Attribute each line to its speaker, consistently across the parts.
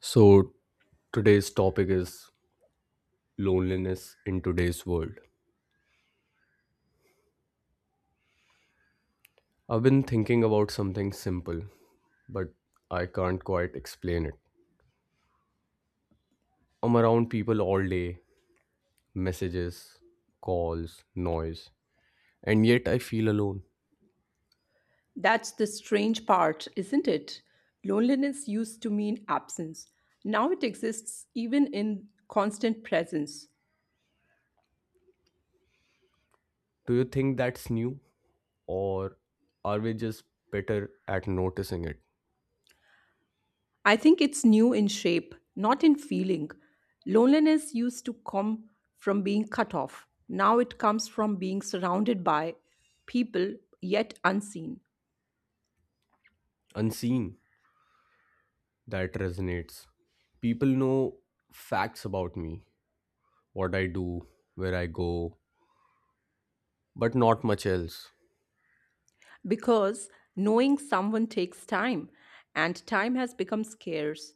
Speaker 1: So, today's topic is loneliness in today's world. I've been thinking about something simple, but I can't quite explain it. I'm around people all day messages, calls, noise, and yet I feel alone.
Speaker 2: That's the strange part, isn't it? Loneliness used to mean absence. Now it exists even in constant presence.
Speaker 1: Do you think that's new, or are we just better at noticing it?
Speaker 2: I think it's new in shape, not in feeling. Loneliness used to come from being cut off. Now it comes from being surrounded by people yet unseen.
Speaker 1: Unseen, that resonates. People know facts about me, what I do, where I go, but not much else.
Speaker 2: Because knowing someone takes time, and time has become scarce.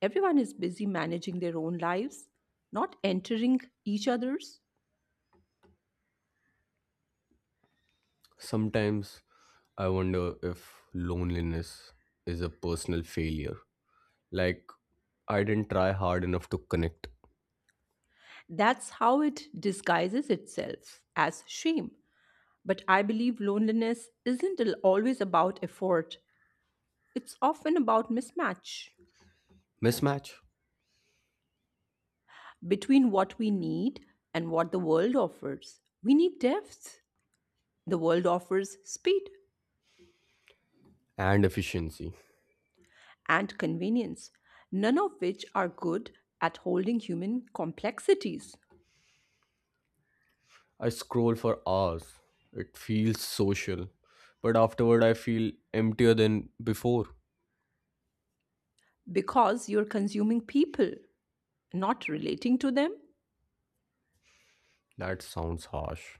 Speaker 2: Everyone is busy managing their own lives, not entering each other's.
Speaker 1: Sometimes I wonder if loneliness is a personal failure. Like, I didn't try hard enough to connect.
Speaker 2: That's how it disguises itself as shame. But I believe loneliness isn't always about effort, it's often about mismatch
Speaker 1: Mismatch
Speaker 2: between what we need and what the world offers. We need depth, the world offers speed.
Speaker 1: and efficiency.
Speaker 2: And convenience, none of which are good at holding human complexities
Speaker 1: I scroll for hours. It feels social. But afterward, I feel emptier than before.
Speaker 2: because you're consuming people, not relating to them.
Speaker 1: That sounds harsh.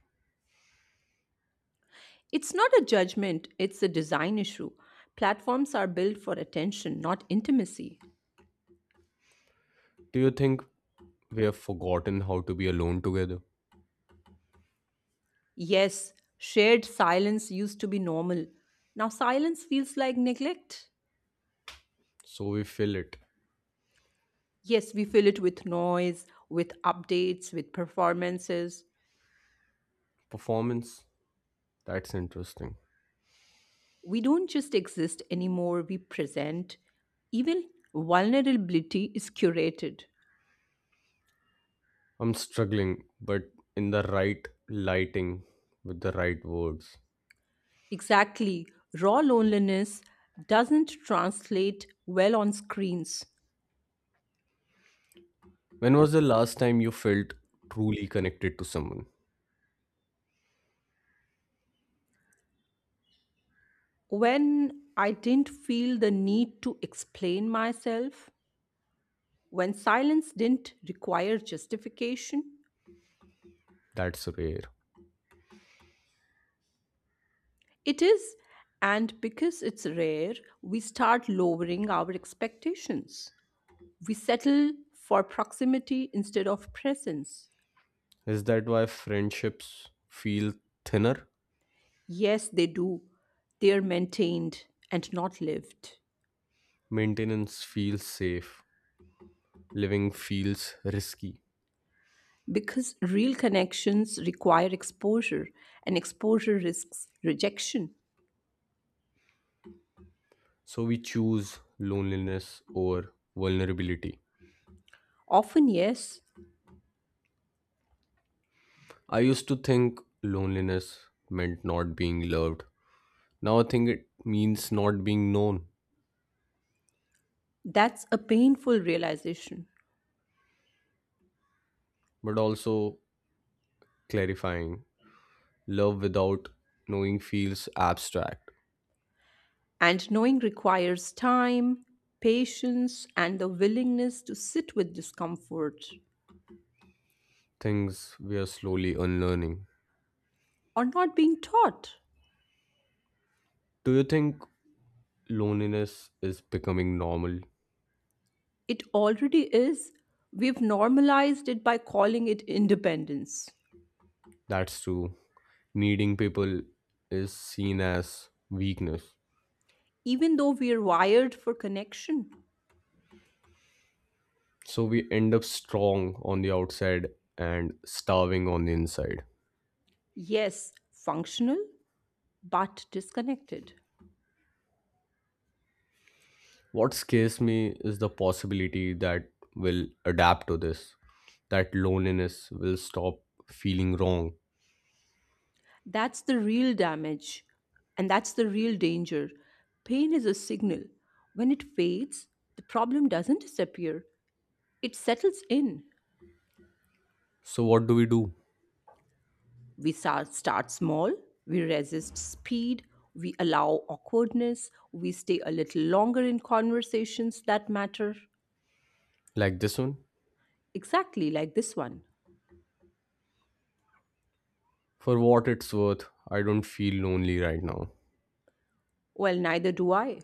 Speaker 2: It's not a judgment, it's a design issue. Platforms are built for attention, not intimacy.
Speaker 1: Do you think we have forgotten how to be alone together?
Speaker 2: Yes, shared silence used to be normal. Now silence feels like neglect.
Speaker 1: So we fill it.
Speaker 2: Yes, we fill it with noise, with updates, with performances.
Speaker 1: Performance? That's interesting.
Speaker 2: We don't just exist anymore, we present. Even vulnerability is curated.
Speaker 1: I'm struggling, but in the right lighting with the right words.
Speaker 2: Exactly. Raw loneliness doesn't translate well on screens.
Speaker 1: When was the last time you felt truly connected to someone?
Speaker 2: When I didn't feel the need to explain myself, when silence didn't require justification,
Speaker 1: That's rare.
Speaker 2: it is. And because it's rare, we start lowering our expectations. We settle for proximity instead of presence.
Speaker 1: Is that why friendships feel thinner?
Speaker 2: Yes, they do. They are maintained and not lived.
Speaker 1: Maintenance feels safe. Living feels risky.
Speaker 2: Because real connections require exposure, and exposure risks rejection.
Speaker 1: So we choose loneliness over vulnerability.
Speaker 2: Often, yes,
Speaker 1: I used to think loneliness meant not being loved. Now I think it means not being known,
Speaker 2: that's a painful realization.
Speaker 1: but also clarifying. Love without knowing feels abstract,
Speaker 2: And knowing requires time, patience, and the willingness to sit with discomfort
Speaker 1: things we are slowly unlearning.
Speaker 2: or not being taught.
Speaker 1: Do you think loneliness is becoming normal?
Speaker 2: It already is. We've normalized it by calling it independence,
Speaker 1: That's true. Needing people is seen as weakness.
Speaker 2: even though we are wired for connection.
Speaker 1: So we end up strong on the outside and starving on the inside.
Speaker 2: Yes, functional, but disconnected.
Speaker 1: What scares me is the possibility that we'll adapt to this, that loneliness will stop feeling wrong.
Speaker 2: That's the real damage, and that's the real danger. Pain is a signal. When it fades, the problem doesn't disappear, it settles in.
Speaker 1: So, what do we do?
Speaker 2: We start small, we resist speed, we allow awkwardness, we stay a little longer in conversations that matter.
Speaker 1: Like this one?
Speaker 2: Exactly like this one.
Speaker 1: For what it's worth, I don't feel lonely right now.
Speaker 2: Well, neither do I.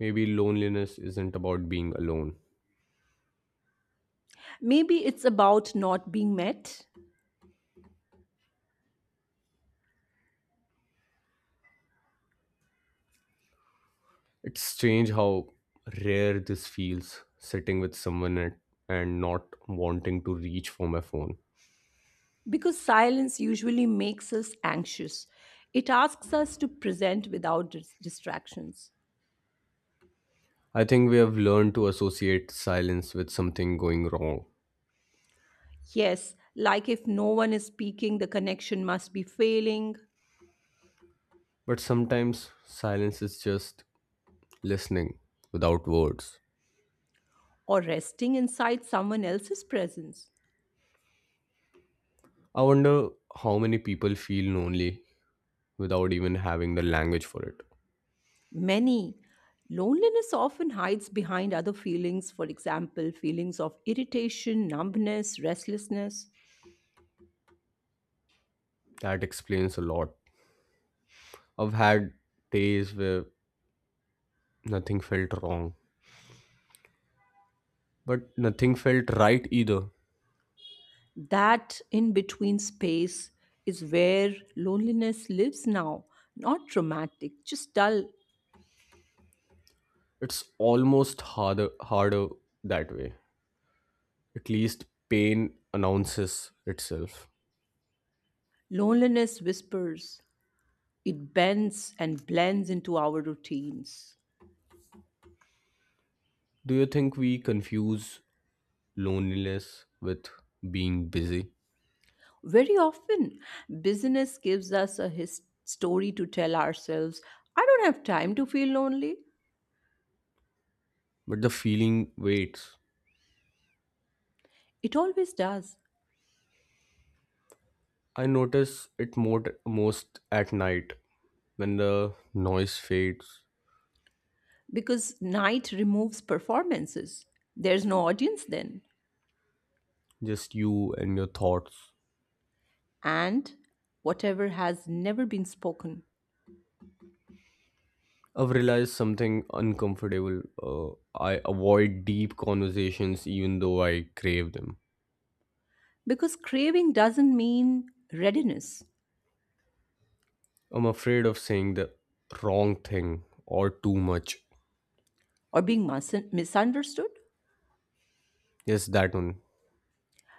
Speaker 1: Maybe loneliness isn't about being alone.
Speaker 2: Maybe it's about not being met.
Speaker 1: It's strange how rare this feels sitting with someone and not wanting to reach for my phone.
Speaker 2: Because silence usually makes us anxious, it asks us to present without distractions.
Speaker 1: I think we have learned to associate silence with something going wrong.
Speaker 2: Yes, like if no one is speaking, the connection must be failing
Speaker 1: But sometimes silence is just listening without words.
Speaker 2: or resting inside someone else's presence.
Speaker 1: I wonder how many people feel lonely without even having the language for it.
Speaker 2: Many loneliness often hides behind other feelings, for example, feelings of irritation, numbness, restlessness.
Speaker 1: That explains a lot. I've had days where nothing felt wrong, but nothing felt right either.
Speaker 2: That in between space is where loneliness lives now, not traumatic, just dull.
Speaker 1: It's almost harder that way. At least pain announces itself.
Speaker 2: Loneliness whispers, it bends and blends into our routines.
Speaker 1: Do you think we confuse loneliness with being busy?
Speaker 2: Very often, business gives us a story to tell ourselves I don't have time to feel lonely.
Speaker 1: But the feeling waits.
Speaker 2: It always does,
Speaker 1: I notice it more, most at night when the noise fades,
Speaker 2: because night removes performances. There's no audience then.
Speaker 1: just you and your thoughts.
Speaker 2: And whatever has never been spoken,
Speaker 1: I've realized something uncomfortable. I avoid deep conversations even though I crave them.
Speaker 2: because craving doesn't mean readiness
Speaker 1: I'm afraid of saying the wrong thing or too much.
Speaker 2: or being misunderstood.
Speaker 1: Yes, that one.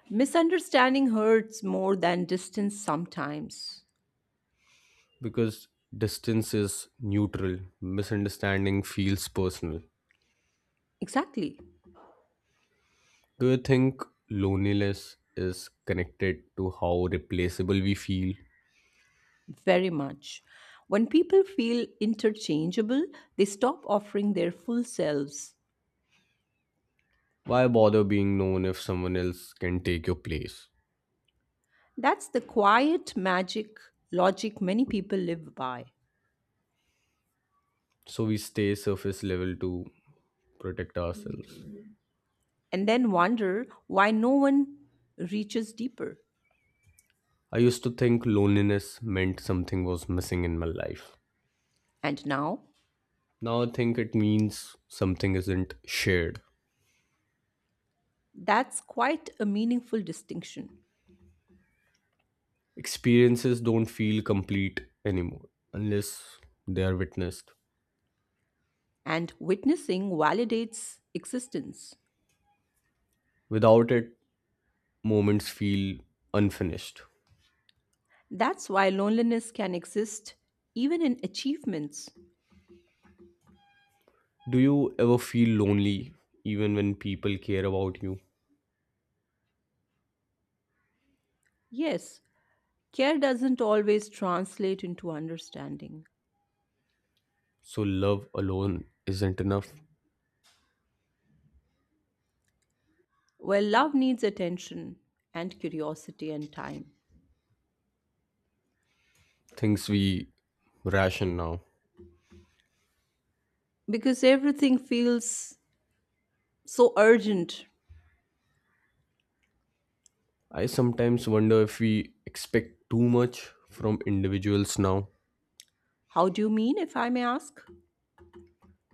Speaker 2: Misunderstanding hurts more than distance sometimes.
Speaker 1: Because distance is neutral, misunderstanding feels personal.
Speaker 2: Exactly,
Speaker 1: Do you think loneliness is connected to how replaceable we feel?
Speaker 2: very much. When people feel interchangeable, they stop offering their full selves.
Speaker 1: Why bother being known if someone else can take your place?
Speaker 2: That's the quiet magic logic many people live by,
Speaker 1: So we stay surface level to protect ourselves.
Speaker 2: and then wonder why no one reaches deeper.
Speaker 1: I used to think loneliness meant something was missing in my life.
Speaker 2: And now,
Speaker 1: Now I think it means something isn't shared.
Speaker 2: that's quite a meaningful distinction.
Speaker 1: Experiences don't feel complete anymore unless they are witnessed.
Speaker 2: And witnessing validates existence.
Speaker 1: Without it, moments feel unfinished.
Speaker 2: That's why loneliness can exist even in achievements.
Speaker 1: Do you ever feel lonely even when people care about you?
Speaker 2: Yes, care doesn't always translate into understanding.
Speaker 1: So, love alone isn't enough.
Speaker 2: Well, love needs attention and curiosity and time.
Speaker 1: Things we ration now.
Speaker 2: Because everything feels so urgent.
Speaker 1: I sometimes wonder if we expect too much from individuals now.
Speaker 2: How do you mean, if I may ask?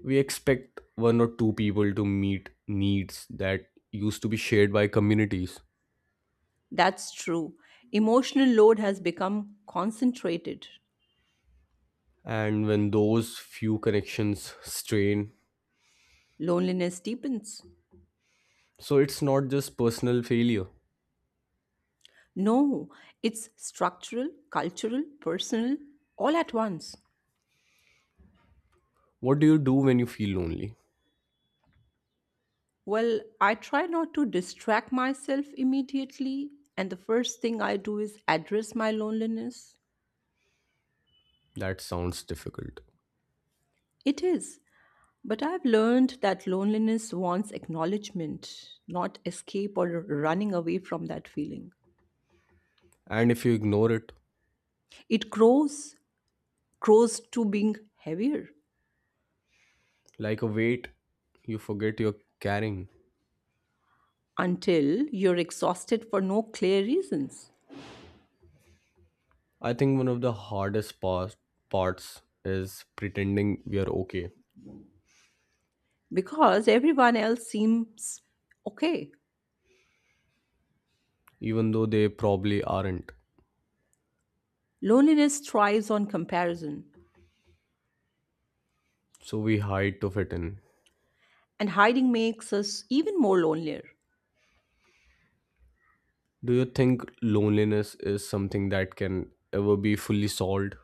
Speaker 1: We expect one or two people to meet needs that used to be shared by communities,
Speaker 2: That's true. Emotional load has become concentrated.
Speaker 1: and when those few connections strain,
Speaker 2: Loneliness deepens.
Speaker 1: so it's not just personal failure.
Speaker 2: No, it's structural, cultural, personal, all at once.
Speaker 1: What do you do when you feel lonely?
Speaker 2: Well, I try not to distract myself immediately, and the first thing I do is address my loneliness.
Speaker 1: That sounds difficult.
Speaker 2: It is, but I've learned that loneliness wants acknowledgement, not escape or running away from that feeling.
Speaker 1: And if you ignore it,
Speaker 2: It grows, grows to being heavier
Speaker 1: like a weight you forget you're carrying.
Speaker 2: until you're exhausted for no clear reasons
Speaker 1: I think one of the parts is pretending we are okay,
Speaker 2: because everyone else seems okay.
Speaker 1: even though they probably aren't.
Speaker 2: Loneliness thrives on comparison,
Speaker 1: So we hide to fit in.
Speaker 2: and hiding makes us even more lonelier.
Speaker 1: Do you think loneliness is something that can ever be fully solved?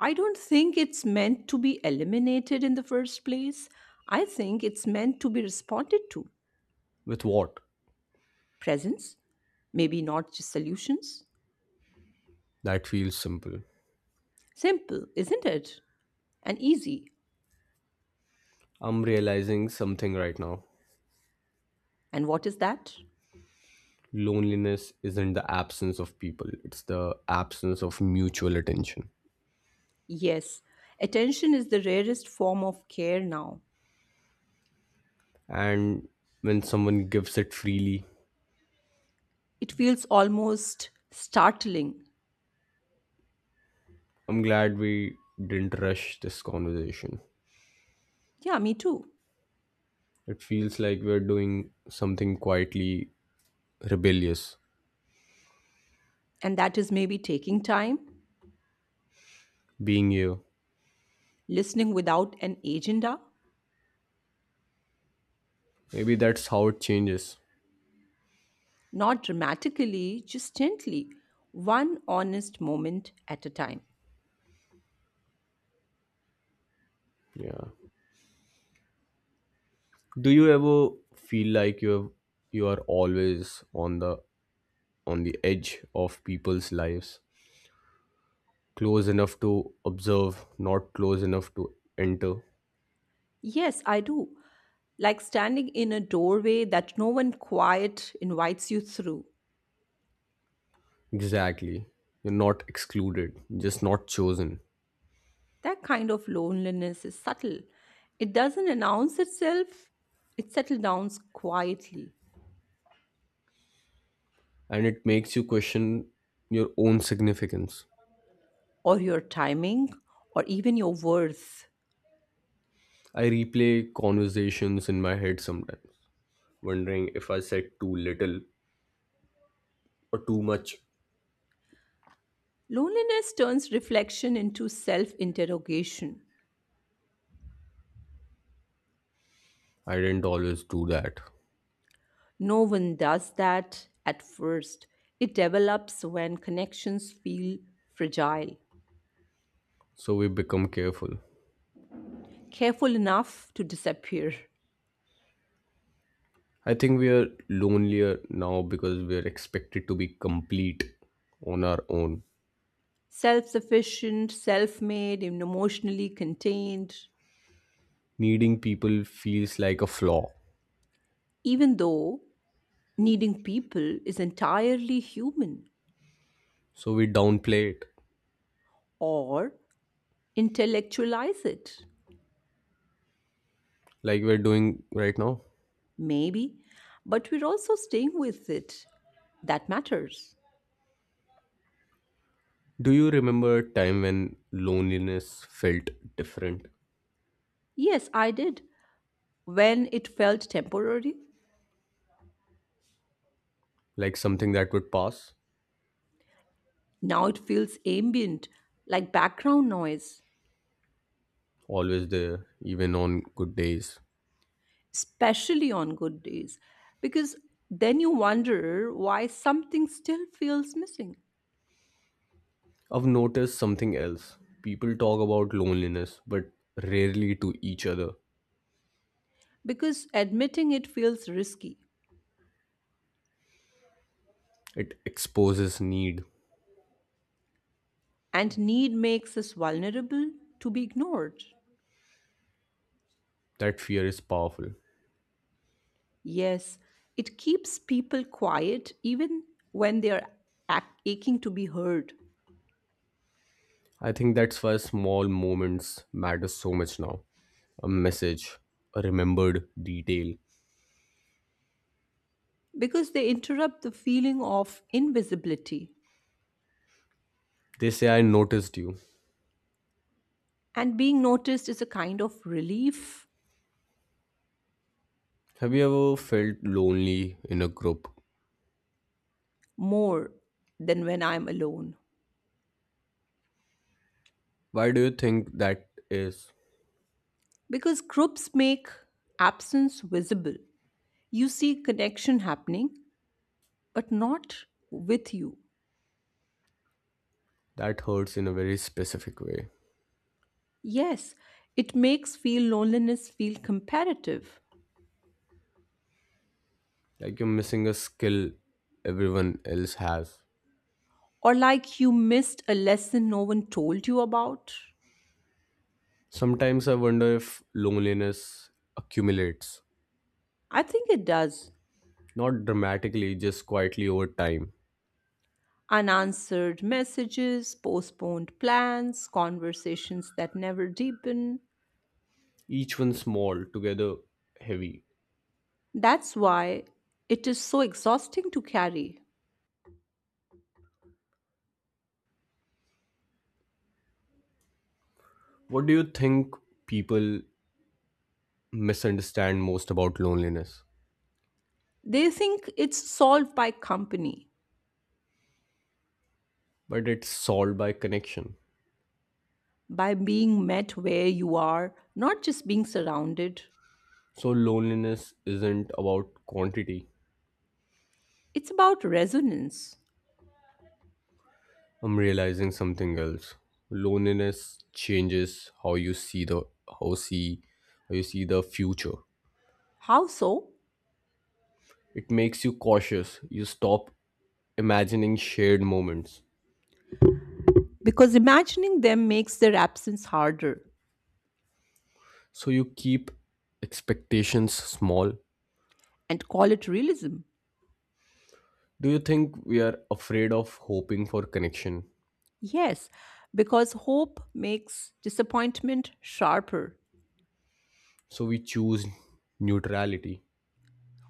Speaker 2: I don't think it's meant to be eliminated in the first place. I think it's meant to be responded to.
Speaker 1: With what?
Speaker 2: Presence, maybe not just solutions.
Speaker 1: That feels simple.
Speaker 2: Simple, isn't it? And easy.
Speaker 1: I'm realizing something right now.
Speaker 2: And what is that?
Speaker 1: Loneliness isn't the absence of people, it's the absence of mutual attention.
Speaker 2: Yes, attention is the rarest form of care now.
Speaker 1: And when someone gives it freely,
Speaker 2: It feels almost startling.
Speaker 1: I'm glad we didn't rush this conversation.
Speaker 2: Yeah, me too.
Speaker 1: It feels like we're doing something quietly rebellious.
Speaker 2: And that is maybe taking time,
Speaker 1: Being here.
Speaker 2: listening without an agenda.
Speaker 1: Maybe that's how it changes.
Speaker 2: Not dramatically, just gently, one honest moment at a time.
Speaker 1: Yeah. Do you ever feel like you are always on the edge of people's lives, close enough to observe, not close enough to enter?
Speaker 2: Yes, I do. Like standing in a doorway that no one quiet invites you through.
Speaker 1: Exactly. You're not excluded, just not chosen.
Speaker 2: That kind of loneliness is subtle. It doesn't announce itself, it settles down quietly.
Speaker 1: And it makes you question your own significance.
Speaker 2: Or your timing, or even your worth.
Speaker 1: I replay conversations in my head sometimes, wondering if I said too little or too much.
Speaker 2: Loneliness turns reflection into self interrogation.
Speaker 1: I didn't always do that.
Speaker 2: No one does that at first. It develops when connections feel fragile,
Speaker 1: So we become careful.
Speaker 2: careful enough to disappear.
Speaker 1: I think we are lonelier now because we are expected to be complete on our own.
Speaker 2: Self sufficient, self made, and emotionally contained,
Speaker 1: Needing people feels like a flaw,
Speaker 2: even though needing people is entirely human
Speaker 1: so we downplay it
Speaker 2: or intellectualize it,
Speaker 1: like we're doing right now.
Speaker 2: maybe, but we're also staying with it. That matters.
Speaker 1: Do you remember a time when loneliness felt different?
Speaker 2: Yes, I did. When it felt temporary,
Speaker 1: Like something that would pass?
Speaker 2: now it feels ambient, like background noise,
Speaker 1: Always there, even on good days.
Speaker 2: especially on good days, because then you wonder why something still feels missing.
Speaker 1: I've noticed something else. People talk about loneliness, but rarely to each other.
Speaker 2: Because admitting it feels risky,
Speaker 1: It exposes need.
Speaker 2: and need makes us vulnerable to be ignored.
Speaker 1: That fear is powerful.
Speaker 2: Yes, it keeps people quiet even when they are aching to be heard,
Speaker 1: I think that's why small moments matter so much now. A message, a remembered detail.
Speaker 2: because they interrupt the feeling of invisibility.
Speaker 1: They say, I noticed you.
Speaker 2: And being noticed is a kind of relief
Speaker 1: Have you ever felt lonely in a group?
Speaker 2: more than when I'm alone.
Speaker 1: Why do you think that is?
Speaker 2: Because groups make absence visible. You see connection happening, but not with you.
Speaker 1: That hurts in a very specific way.
Speaker 2: Yes, it makes feel loneliness feel comparative
Speaker 1: Like you're missing a skill everyone else has.
Speaker 2: or like you missed a lesson no one told you about.
Speaker 1: Sometimes I wonder if loneliness accumulates,
Speaker 2: I think it does.
Speaker 1: not dramatically, just quietly over time.
Speaker 2: Unanswered messages, postponed plans, conversations that never deepen.
Speaker 1: Each one small, together heavy.
Speaker 2: That's why it is so exhausting to carry.
Speaker 1: What do you think people misunderstand most about loneliness?
Speaker 2: They think it's solved by company,
Speaker 1: But it's solved by connection.
Speaker 2: by being met where you are, not just being surrounded.
Speaker 1: So, loneliness isn't about quantity.
Speaker 2: It's about resonance.
Speaker 1: I'm realizing something else. Loneliness changes how see how you see the future.
Speaker 2: How so?
Speaker 1: It makes you cautious. You stop imagining shared moments.
Speaker 2: Because imagining them makes their absence harder
Speaker 1: So you keep expectations small.
Speaker 2: and call it realism.
Speaker 1: Do you think we are afraid of hoping for connection?
Speaker 2: Yes, because hope makes disappointment sharper,
Speaker 1: So we choose neutrality.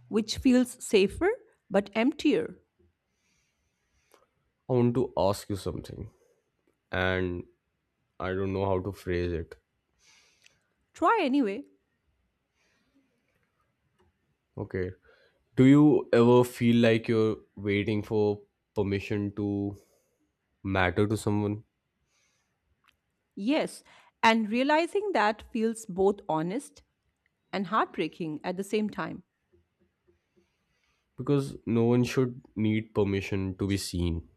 Speaker 2: which feels safer but emptier.
Speaker 1: I want to ask you something, and I don't know how to phrase it.
Speaker 2: Try anyway.
Speaker 1: Okay, do you ever feel like you're waiting for permission to matter to someone?
Speaker 2: Yes, and realizing that feels both honest and heartbreaking at the same time.
Speaker 1: Because no one should need permission to be seen.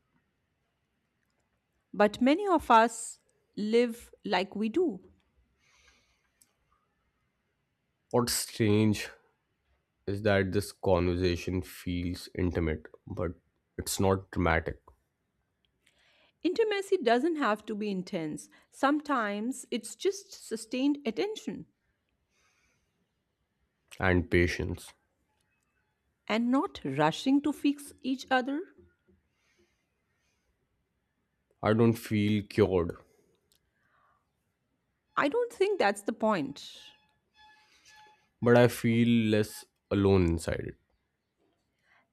Speaker 2: But many of us live like we do.
Speaker 1: What's strange is that this conversation feels intimate, but it's not dramatic
Speaker 2: Intimacy doesn't have to be intense, sometimes it's just sustained attention
Speaker 1: and patience.
Speaker 2: and not rushing to fix each other.
Speaker 1: I don't feel cured,
Speaker 2: I don't think that's the point.
Speaker 1: but I feel less alone inside it.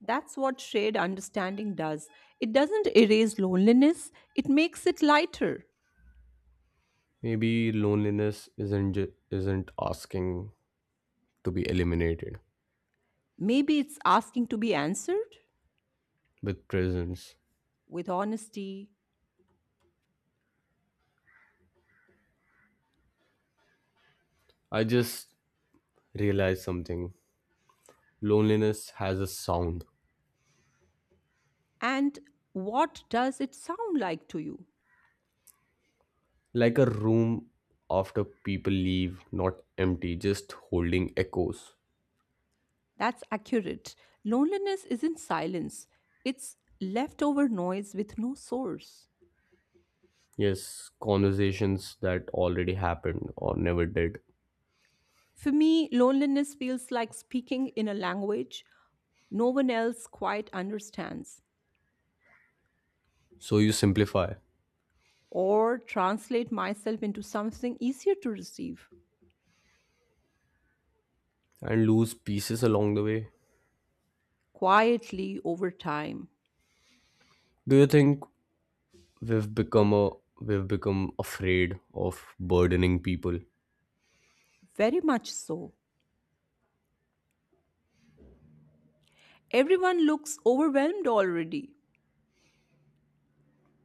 Speaker 2: That's what shared understanding does. It doesn't erase loneliness, it makes it lighter.
Speaker 1: Maybe loneliness isn't asking to be eliminated
Speaker 2: Maybe it's asking to be answered
Speaker 1: with presence.
Speaker 2: with honesty.
Speaker 1: I just realized something. Loneliness has a sound,
Speaker 2: And what does it sound like to you?
Speaker 1: like a room after people leave, not empty, just holding echoes.
Speaker 2: That's accurate. Loneliness isn't silence, it's leftover noise with no source.
Speaker 1: Yes, conversations that already happened or never did.
Speaker 2: For me, loneliness feels like speaking in a language no one else quite understands,
Speaker 1: So you simplify
Speaker 2: or translate myself into something easier to receive,
Speaker 1: and lose pieces along the way.
Speaker 2: quietly over time.
Speaker 1: Do you think we've become a we've become afraid of burdening people?
Speaker 2: Very much so. Everyone looks overwhelmed already,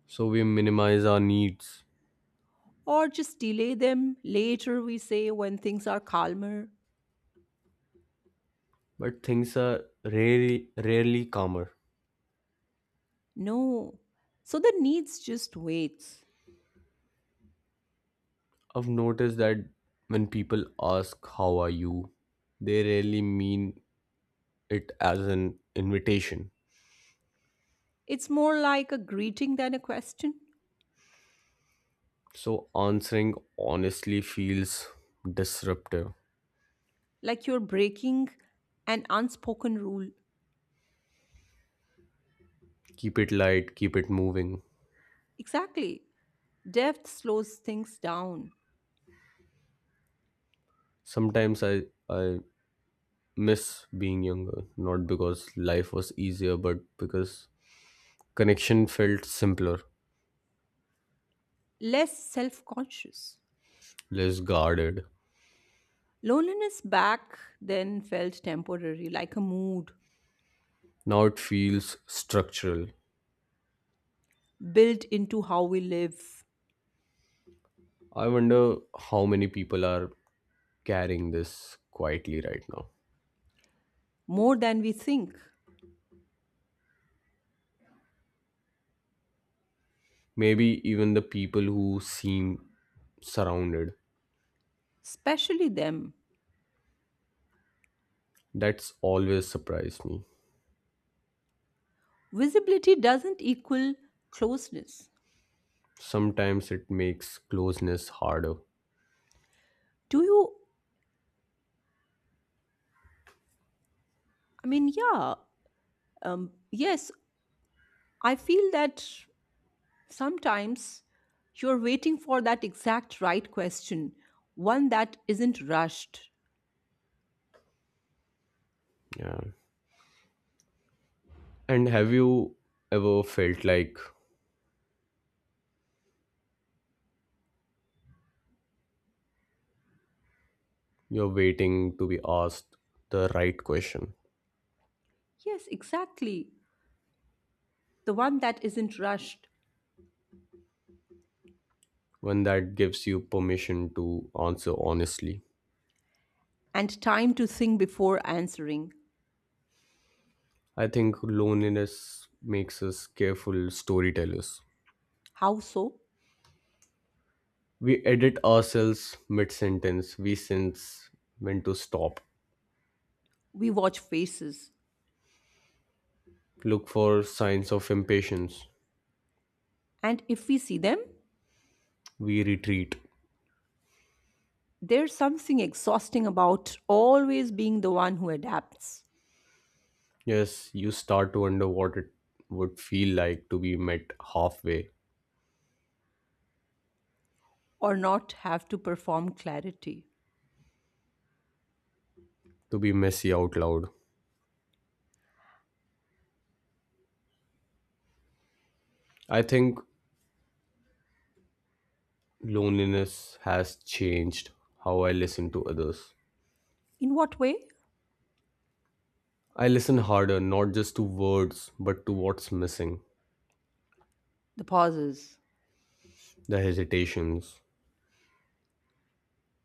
Speaker 1: So we minimize our needs.
Speaker 2: or just delay them later, we say, when things are calmer.
Speaker 1: But things are rarely calmer.
Speaker 2: No. So the needs just waits.
Speaker 1: I've noticed that when people ask how are you, they rarely mean it as an invitation.
Speaker 2: It's more like a greeting than a question,
Speaker 1: So answering honestly feels disruptive.
Speaker 2: like you're breaking an unspoken rule.
Speaker 1: Keep it light, keep it moving.
Speaker 2: Exactly. Depth slows things down,
Speaker 1: Sometimes I miss being younger, not because life was easier, but because connection felt simpler,
Speaker 2: less self conscious.
Speaker 1: less guarded.
Speaker 2: Loneliness back then felt temporary, like a mood
Speaker 1: Now it feels structural.
Speaker 2: built into how we live
Speaker 1: I wonder how many people are carrying this quietly right now.
Speaker 2: more than we think,
Speaker 1: Maybe even the people who seem surrounded.
Speaker 2: especially them.
Speaker 1: That's always surprised me.
Speaker 2: Visibility doesn't equal closeness.
Speaker 1: Sometimes it makes closeness harder.
Speaker 2: Do you, I mean, yeah, yes, I feel that. Sometimes you're waiting for that exact right question, one that isn't rushed.
Speaker 1: Yeah. And have you ever felt like you're waiting to be asked the right question?
Speaker 2: Yes, exactly. The one that isn't rushed
Speaker 1: When that gives you permission to answer honestly.
Speaker 2: and time to think before answering.
Speaker 1: I think loneliness makes us careful storytellers.
Speaker 2: How so?
Speaker 1: We edit ourselves mid sentence. We sense when to stop.
Speaker 2: We watch faces.
Speaker 1: Look for signs of impatience.
Speaker 2: And if we see them,
Speaker 1: We retreat.
Speaker 2: there's something exhausting about always being the one who adapts
Speaker 1: Yes, you start to wonder what it would feel like to be met halfway,
Speaker 2: or not have to perform clarity.
Speaker 1: to be messy out loud. I think loneliness has changed how I listen to others.
Speaker 2: In what way?
Speaker 1: I listen harder, not just to words, but to what's missing,
Speaker 2: The pauses.
Speaker 1: the hesitations.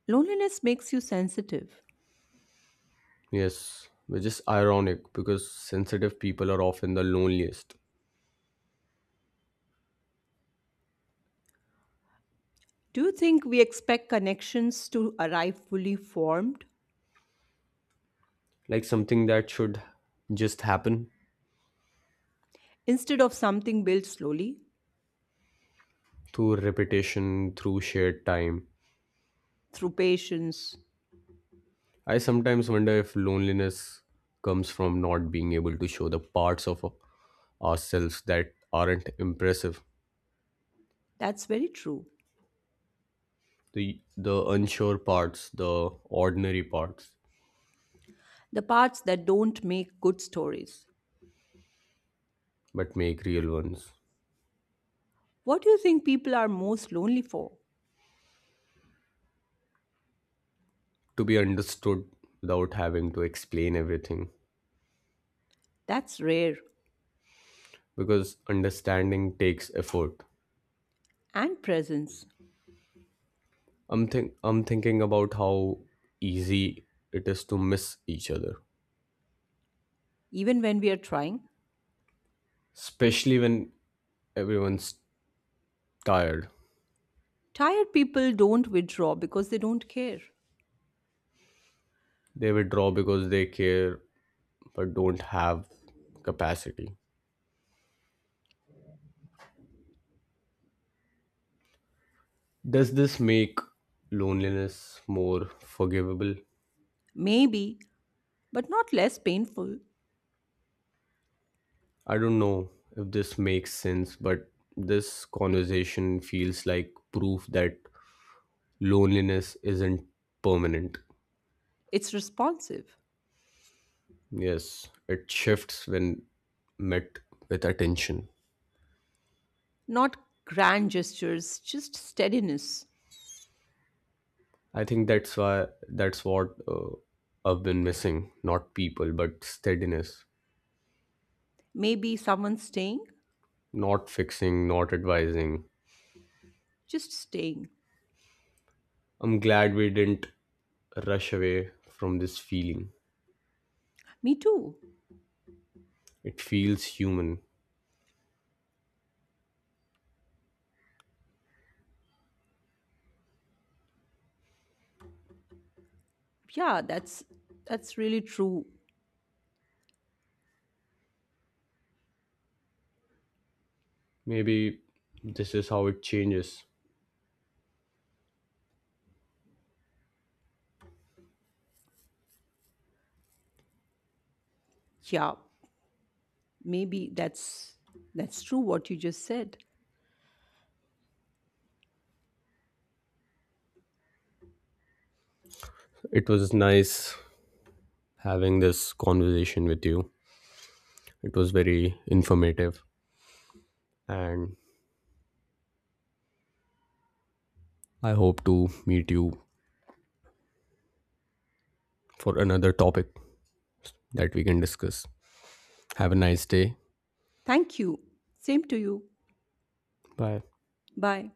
Speaker 2: Loneliness makes you sensitive.
Speaker 1: Yes, which is ironic because sensitive people are often the loneliest.
Speaker 2: Do you think we expect connections to arrive fully formed
Speaker 1: Like something that should just happen
Speaker 2: instead of something built slowly
Speaker 1: through repetition, through shared time.
Speaker 2: through patience?
Speaker 1: I sometimes wonder if loneliness comes from not being able to show the parts of ourselves that aren't impressive,
Speaker 2: That's very true.
Speaker 1: the unsure parts, the ordinary parts,
Speaker 2: The parts that don't make good stories.
Speaker 1: but make real ones
Speaker 2: What do you think people are most lonely for?
Speaker 1: to be understood without having to explain everything
Speaker 2: That's rare
Speaker 1: because understanding takes effort.
Speaker 2: and presence,
Speaker 1: I'm thinking about how easy it is to miss each other
Speaker 2: even when we are trying.
Speaker 1: especially when everyone's tired.
Speaker 2: Tired people don't withdraw because they don't care.
Speaker 1: They withdraw because they care but don't have capacity. Does this make loneliness more forgivable?
Speaker 2: Maybe, but not less painful.
Speaker 1: I don't know if this makes sense, but this conversation feels like proof that loneliness isn't permanent.
Speaker 2: It's responsive,
Speaker 1: Yes, it shifts when met with attention.
Speaker 2: not grand gestures, just steadiness.
Speaker 1: I think that's what I've been missing. Not people, but steadiness.
Speaker 2: Maybe someone staying
Speaker 1: Not fixing, not advising.
Speaker 2: just staying.
Speaker 1: I'm glad we didn't rush away from this feeling.
Speaker 2: Me too.
Speaker 1: It feels human.
Speaker 2: Yeah, that's really true.
Speaker 1: Maybe this is how it changes.
Speaker 2: Yeah, maybe that's true what you just said.
Speaker 1: It was nice having this conversation with you. It was very informative, and I hope to meet you for another topic that we can discuss. Have a nice day.
Speaker 2: Thank you. Same to you.
Speaker 1: Bye.
Speaker 2: Bye.